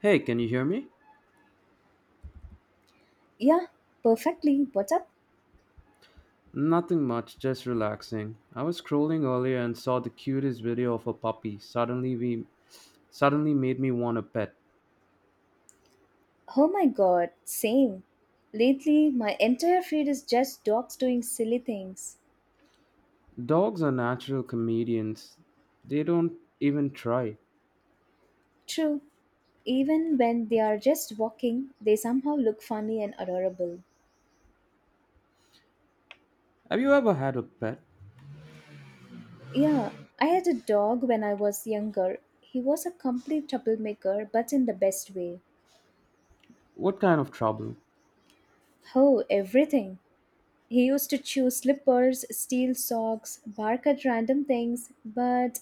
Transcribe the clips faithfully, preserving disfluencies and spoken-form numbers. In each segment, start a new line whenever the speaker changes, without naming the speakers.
Hey, can you hear me?
Yeah, perfectly. What's up?
Nothing much, just relaxing. I was scrolling earlier and saw the cutest video of a puppy. Suddenly we suddenly made me want a pet.
Oh my god, same. Lately, my entire feed is just dogs doing silly things.
Dogs are natural comedians. They don't even try.
True, even when they are just walking, they somehow look funny and adorable.
Have you ever had a pet?
Yeah, I had a dog when I was younger. He was a complete troublemaker, but in the best way.
What kind of trouble?
Oh, everything. He used to chew slippers, steal socks, bark at random things, but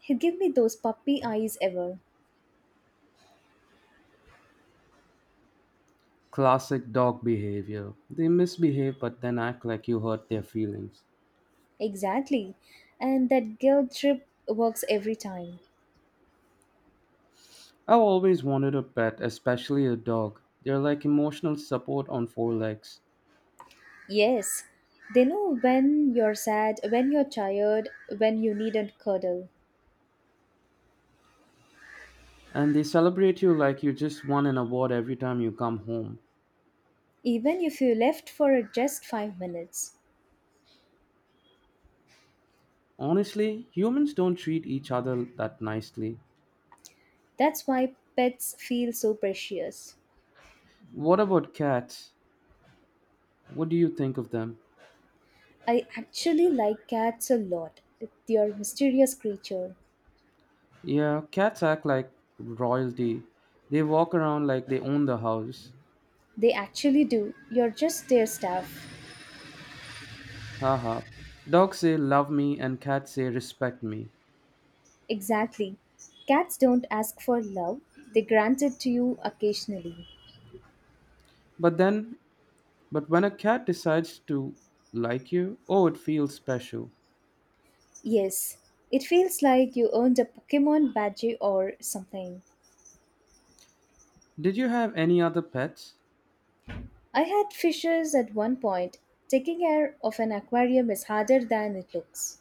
he'd give me those puppy eyes ever.
Classic dog behavior. They misbehave but then act like you hurt their feelings.
Exactly. And that guilt trip works every time.
I've always wanted a pet, especially a dog. They're like emotional support on four legs.
Yes. They know when you're sad, when you're tired, when you need a cuddle.
And they celebrate you like you just won an award every time you come home.
Even if you left for just five minutes.
Honestly, humans don't treat each other that nicely.
That's why pets feel so precious.
What about cats? What do you think of them?
I actually like cats a lot. They're mysterious creature.
Yeah, cats act like royalty. They walk around like they own the house.
They actually do. You're just their staff.
Haha. Dogs say love me and cats say respect me.
Exactly. Cats don't ask for love. They grant it to you occasionally.
But then, but when a cat decides to like you, oh, it feels special.
Yes, it feels like you earned a Pokemon badge or something.
Did you have any other pets?
I had fishes at one point. Taking care of an aquarium is harder than it looks.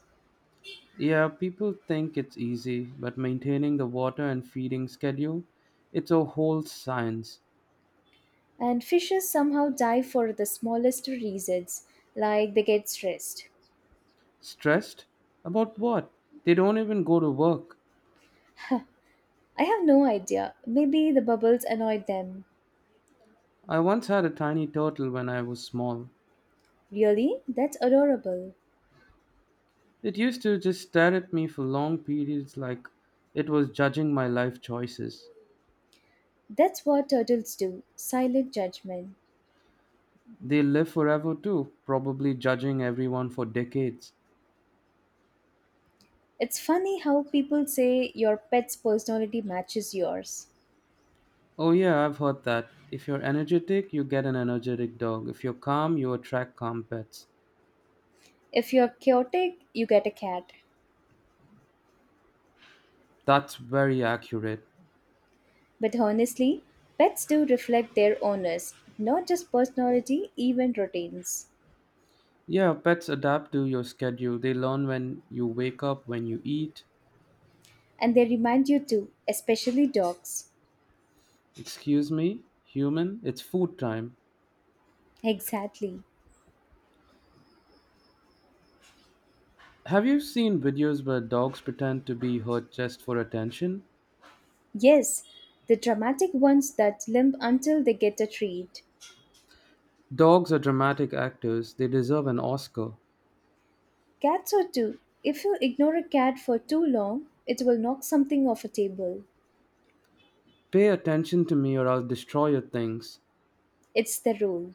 Yeah, people think it's easy, but maintaining the water and feeding schedule, it's a whole science.
And fishes somehow die for the smallest reasons, like they get stressed.
Stressed? About what? They don't even go to work.
I have no idea. Maybe the bubbles annoyed them.
I once had a tiny turtle when I was small.
Really? That's adorable.
It used to just stare at me for long periods like it was judging my life choices.
That's what turtles do silent judgment.
They live forever too, probably judging everyone for decades.
It's funny how people say your pet's personality matches yours.
Oh, yeah, I've heard that. If you're energetic, you get an energetic dog. If you're calm, you attract calm pets.
If you're chaotic, you get a cat.
That's very accurate.
But honestly, pets do reflect their owners, not just personality, even routines.
Yeah, pets adapt to your schedule. They learn when you wake up, when you eat.
And they remind you too, especially dogs.
Excuse me, human, it's food time.
Exactly.
Have you seen videos where dogs pretend to be hurt just for attention?
Yes, the dramatic ones that limp until they get a treat.
Dogs are dramatic actors. They deserve an Oscar.
Cats are too. If you ignore a cat for too long, it will knock something off a table.
Pay attention to me or I'll destroy your things.
It's the rule.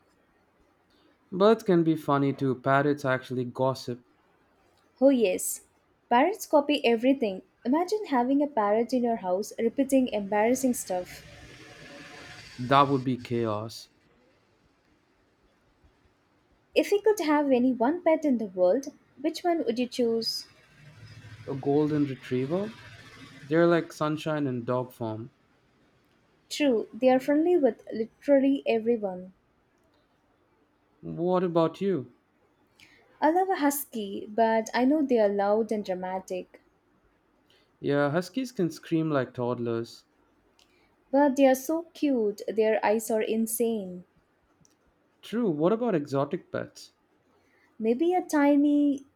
Birds can be funny too. Parrots actually gossip.
Oh, yes. Parrots copy everything. Imagine having a parrot in your house repeating embarrassing stuff.
That would be chaos.
If you could have any one pet in the world, which one would you choose?
A golden retriever? They're like sunshine in dog form.
True, they are friendly with literally everyone.
What about you?
I love a husky, but I know they are loud and dramatic.
Yeah, huskies can scream like toddlers.
But they are so cute, their eyes are insane.
True, what about exotic pets?
Maybe a tiny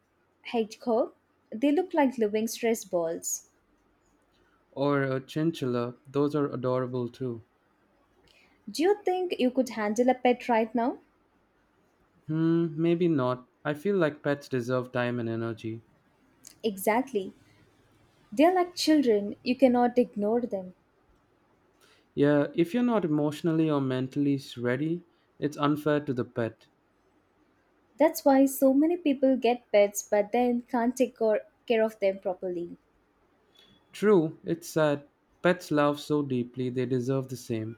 hedgehog? They look like living stress balls.
Or a chinchilla? Those are adorable too.
Do you think you could handle a pet right now?
Hmm, maybe not. I feel like pets deserve time and energy.
Exactly. They are like children, you cannot ignore them.
Yeah, if you're not emotionally or mentally s- ready, it's unfair to the pet.
That's why so many people get pets but then can't take cor- care of them properly.
True, it's sad. Pets love so deeply, they deserve the same.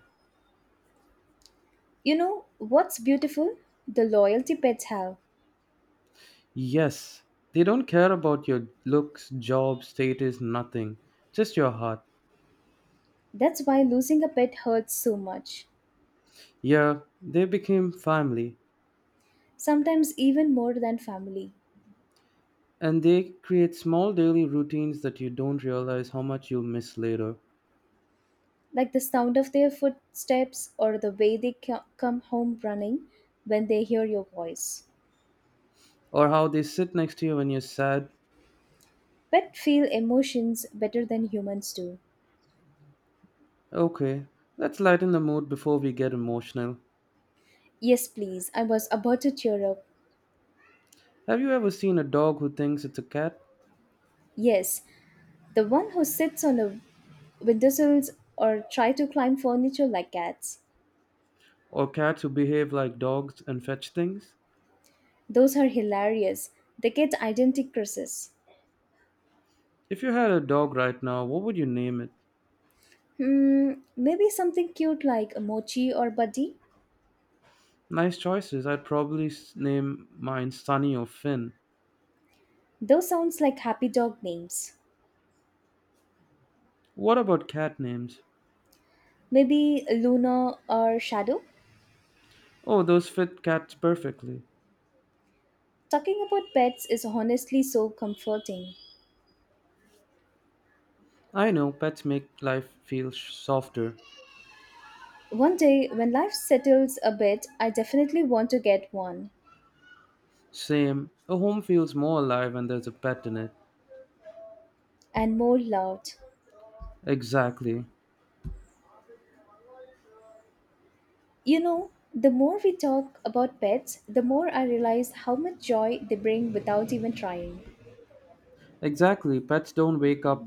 You know what's beautiful? The loyalty pets have.
Yes, they don't care about your looks, job, status, nothing. Just your heart.
That's why losing a pet hurts so much.
Yeah, they became family.
Sometimes even more than family.
And they create small daily routines that you don't realize how much you'll miss later,
Like the sound of their footsteps or the way they co- come home running when they hear your voice.
or how they sit next to you when you're sad.
Pets feel emotions better than humans do.
Okay, let's lighten the mood before we get emotional.
Yes, please, I was about to cheer up.
Have you ever seen a dog who thinks it's a cat,
Yes, the one who sits on a windowsills or try to climb furniture like cats.
or cats who behave like dogs and fetch things?
Those are hilarious. They get identity curses.
If you had a dog right now, what would you name it?
Hmm, maybe something cute like Mochi or Buddy?
Nice choices. I'd probably s- name mine Sunny or Finn.
Those sounds like happy dog names.
What about cat names?
Maybe Luna or Shadow?
Oh, those fit cats perfectly.
Talking about pets is honestly so comforting.
I know pets make life feel sh- softer.
One day, when life settles a bit, I definitely want to get one.
Same. A home feels more alive when there's a pet in it.
And more loud.
Exactly.
You know, the more we talk about pets, the more I realize how much joy they bring without even trying.
Exactly. Pets don't wake up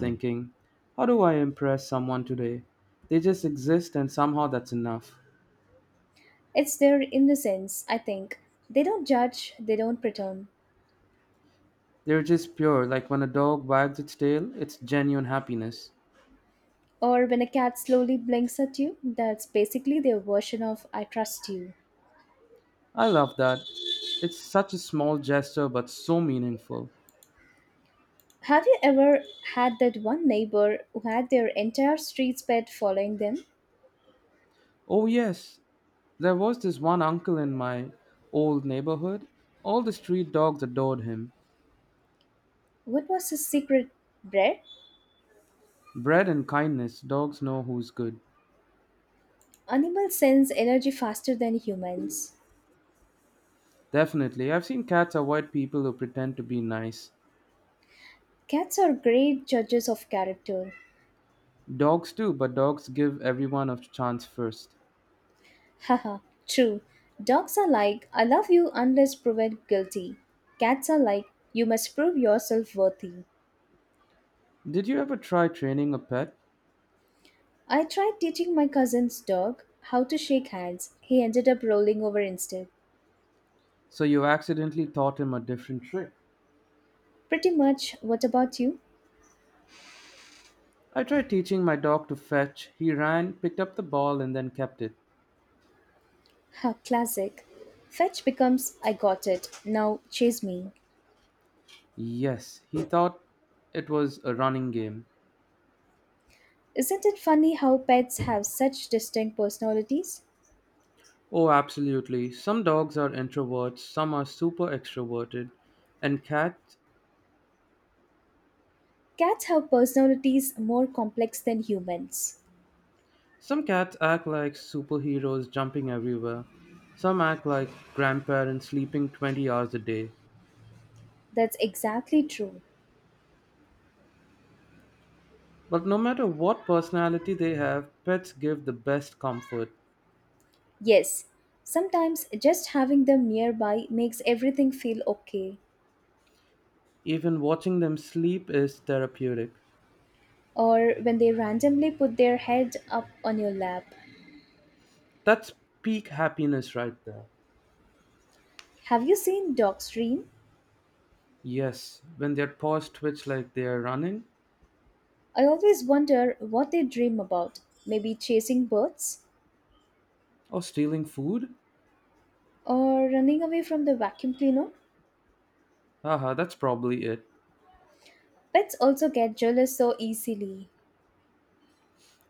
thinking, how do I impress someone today? They just exist and somehow that's enough.
It's their innocence, I think. They don't judge, they don't pretend.
They're just pure, like when a dog wags its tail, it's genuine happiness.
Or when a cat slowly blinks at you, that's basically their version of I trust you.
I love that. It's such a small gesture but so meaningful.
Have you ever had that one neighbor who had their entire street's pet following them?
Oh, yes. There was this one uncle in my old neighborhood. All the street dogs adored him.
What was his secret, Brett?
Bred in kindness, dogs know who's good.
Animals sense energy faster than humans.
Definitely. I've seen cats avoid people who pretend to be nice.
Cats are great judges of character.
Dogs too, but dogs give everyone a chance first.
Haha, true. Dogs are like, I love you unless proven guilty. Cats are like, you must prove yourself worthy.
Did you ever try training a pet?
I tried teaching my cousin's dog how to shake hands. He ended up rolling over instead.
So you accidentally taught him a different trick?
Pretty much, what about you?
I tried teaching my dog to fetch. He ran, picked up the ball, and then kept it.
Ha, classic. Fetch becomes, I got it, now chase me.
Yes, he thought it was a running game.
Isn't it funny how pets have such distinct personalities?
Oh, absolutely. Some dogs are introverts, some are super extroverted, and cats.
Cats have personalities more complex than humans.
Some cats act like superheroes jumping everywhere. Some act like grandparents sleeping twenty hours a day.
That's exactly true.
But no matter what personality they have, pets give the best comfort.
Yes, sometimes just having them nearby makes everything feel okay.
Even watching them sleep is therapeutic.
Or when they randomly put their head up on your lap.
That's peak happiness right there.
Have you seen dogs dream?
Yes, when their paws twitch like they are running
I always wonder what they dream about. Maybe chasing birds?
or stealing food?
Or running away from the vacuum cleaner?
Haha, that's probably it.
Pets also get jealous so easily.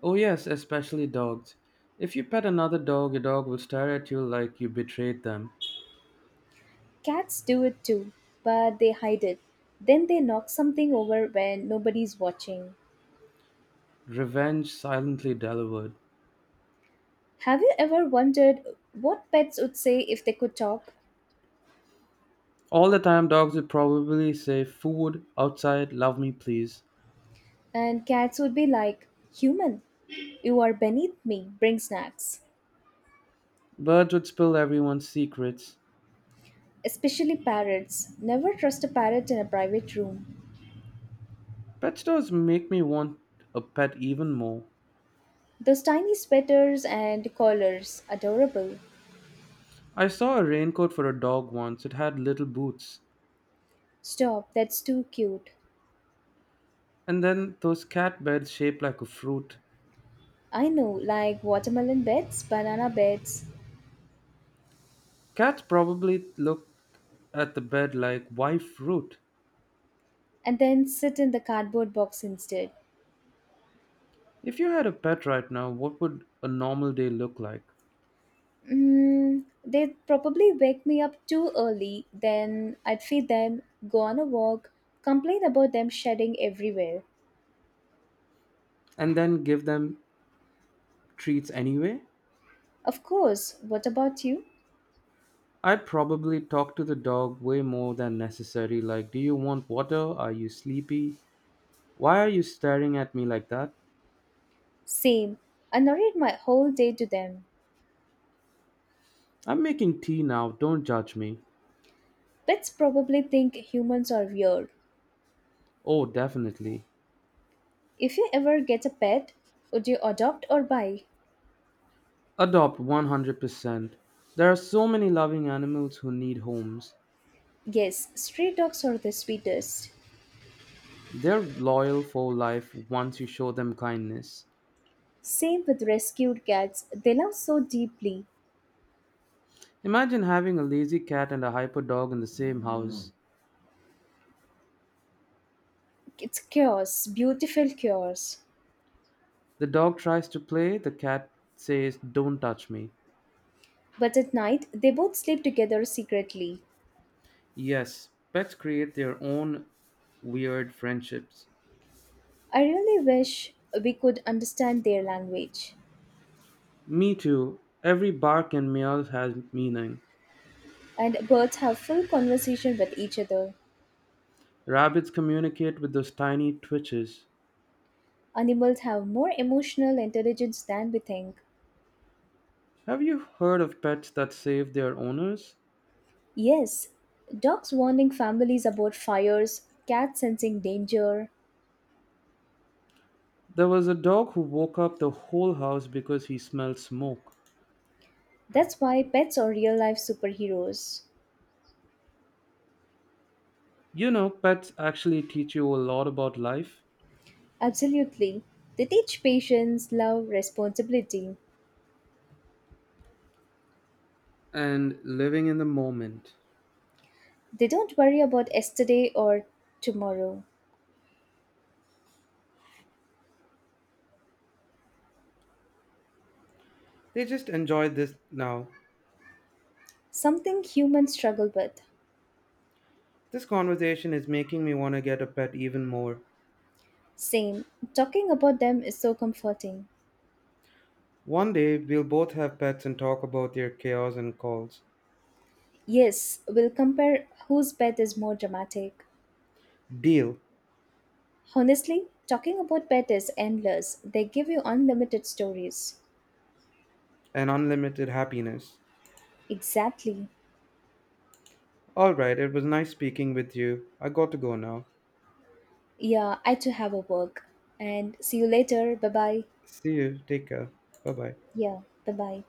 Oh, yes, especially dogs. If you pet another dog, your dog will stare at you like you betrayed them.
Cats do it too, but they hide it. Then they knock something over when nobody's watching.
Revenge silently delivered.
Have you ever wondered what pets would say if they could talk?
All the time, dogs would probably say, food, outside, love me, please.
And cats would be like, Human, you are beneath me, bring snacks.
Birds would spill everyone's secrets.
Especially parrots. Never trust a parrot in a private room.
Pet stores make me want a pet even more.
Those tiny sweaters and collars, adorable.
I saw a raincoat for a dog once, it had little boots.
Stop, that's too cute.
And then those cat beds shaped like a fruit.
I know, like watermelon beds, banana beds,
Cats probably looked at the bed like, why fruit?
and then sit in the cardboard box instead.
If you had a pet right now, what would a normal day look like?
Mm, they'd probably wake me up too early, then I'd feed them, go on a walk, complain about them shedding everywhere.
And then give them treats anyway?
Of course, what about you?
I'd probably talk to the dog way more than necessary, like, do you want water? Are you sleepy? Why are you staring at me like that?
Same. I narrate my whole day to them.
I'm making tea now, don't judge me.
Pets probably think humans are weird.
Oh, definitely.
If you ever get a pet, would you adopt or buy?
Adopt one hundred percent. There are so many loving animals who need homes.
Yes, stray dogs are the sweetest.
They're loyal for life once you show them kindness.
Same with rescued cats, they love so deeply.
Imagine having a lazy cat and a hyper dog in the same house.
It's chaos, beautiful chaos.
The dog tries to play, the cat says, don't touch me.
But at night, they both sleep together secretly.
Yes, pets create their own weird friendships.
I really wish we could understand their language.
Me too. Every bark and meow has meaning.
And birds have full conversation with each other.
Rabbits communicate with those tiny twitches.
Animals have more emotional intelligence than we think.
Have you heard of pets that save their owners?
Yes, dogs warning families about fires, cats sensing danger.
There was a dog who woke up the whole house because he smelled smoke.
That's why pets are real life superheroes.
You know, pets actually teach you a lot about life
Absolutely. They teach patience, love, responsibility.
and living in the moment.
They don't worry about yesterday or tomorrow.
They just enjoy this now.
Something humans struggle with.
This conversation is making me want to get a pet even more.
Same. Talking about them is so comforting.
One day we'll both have pets and talk about their chaos and calls.
Yes, we'll compare whose pet is more dramatic.
Deal.
Honestly, talking about pet is endless. They give you unlimited stories.
And unlimited happiness.
Exactly.
Alright, it was nice speaking with you. I got to go now.
Yeah, I too have a work. And see you later. Bye bye.
See you. Take care. Bye bye.
Yeah, bye bye.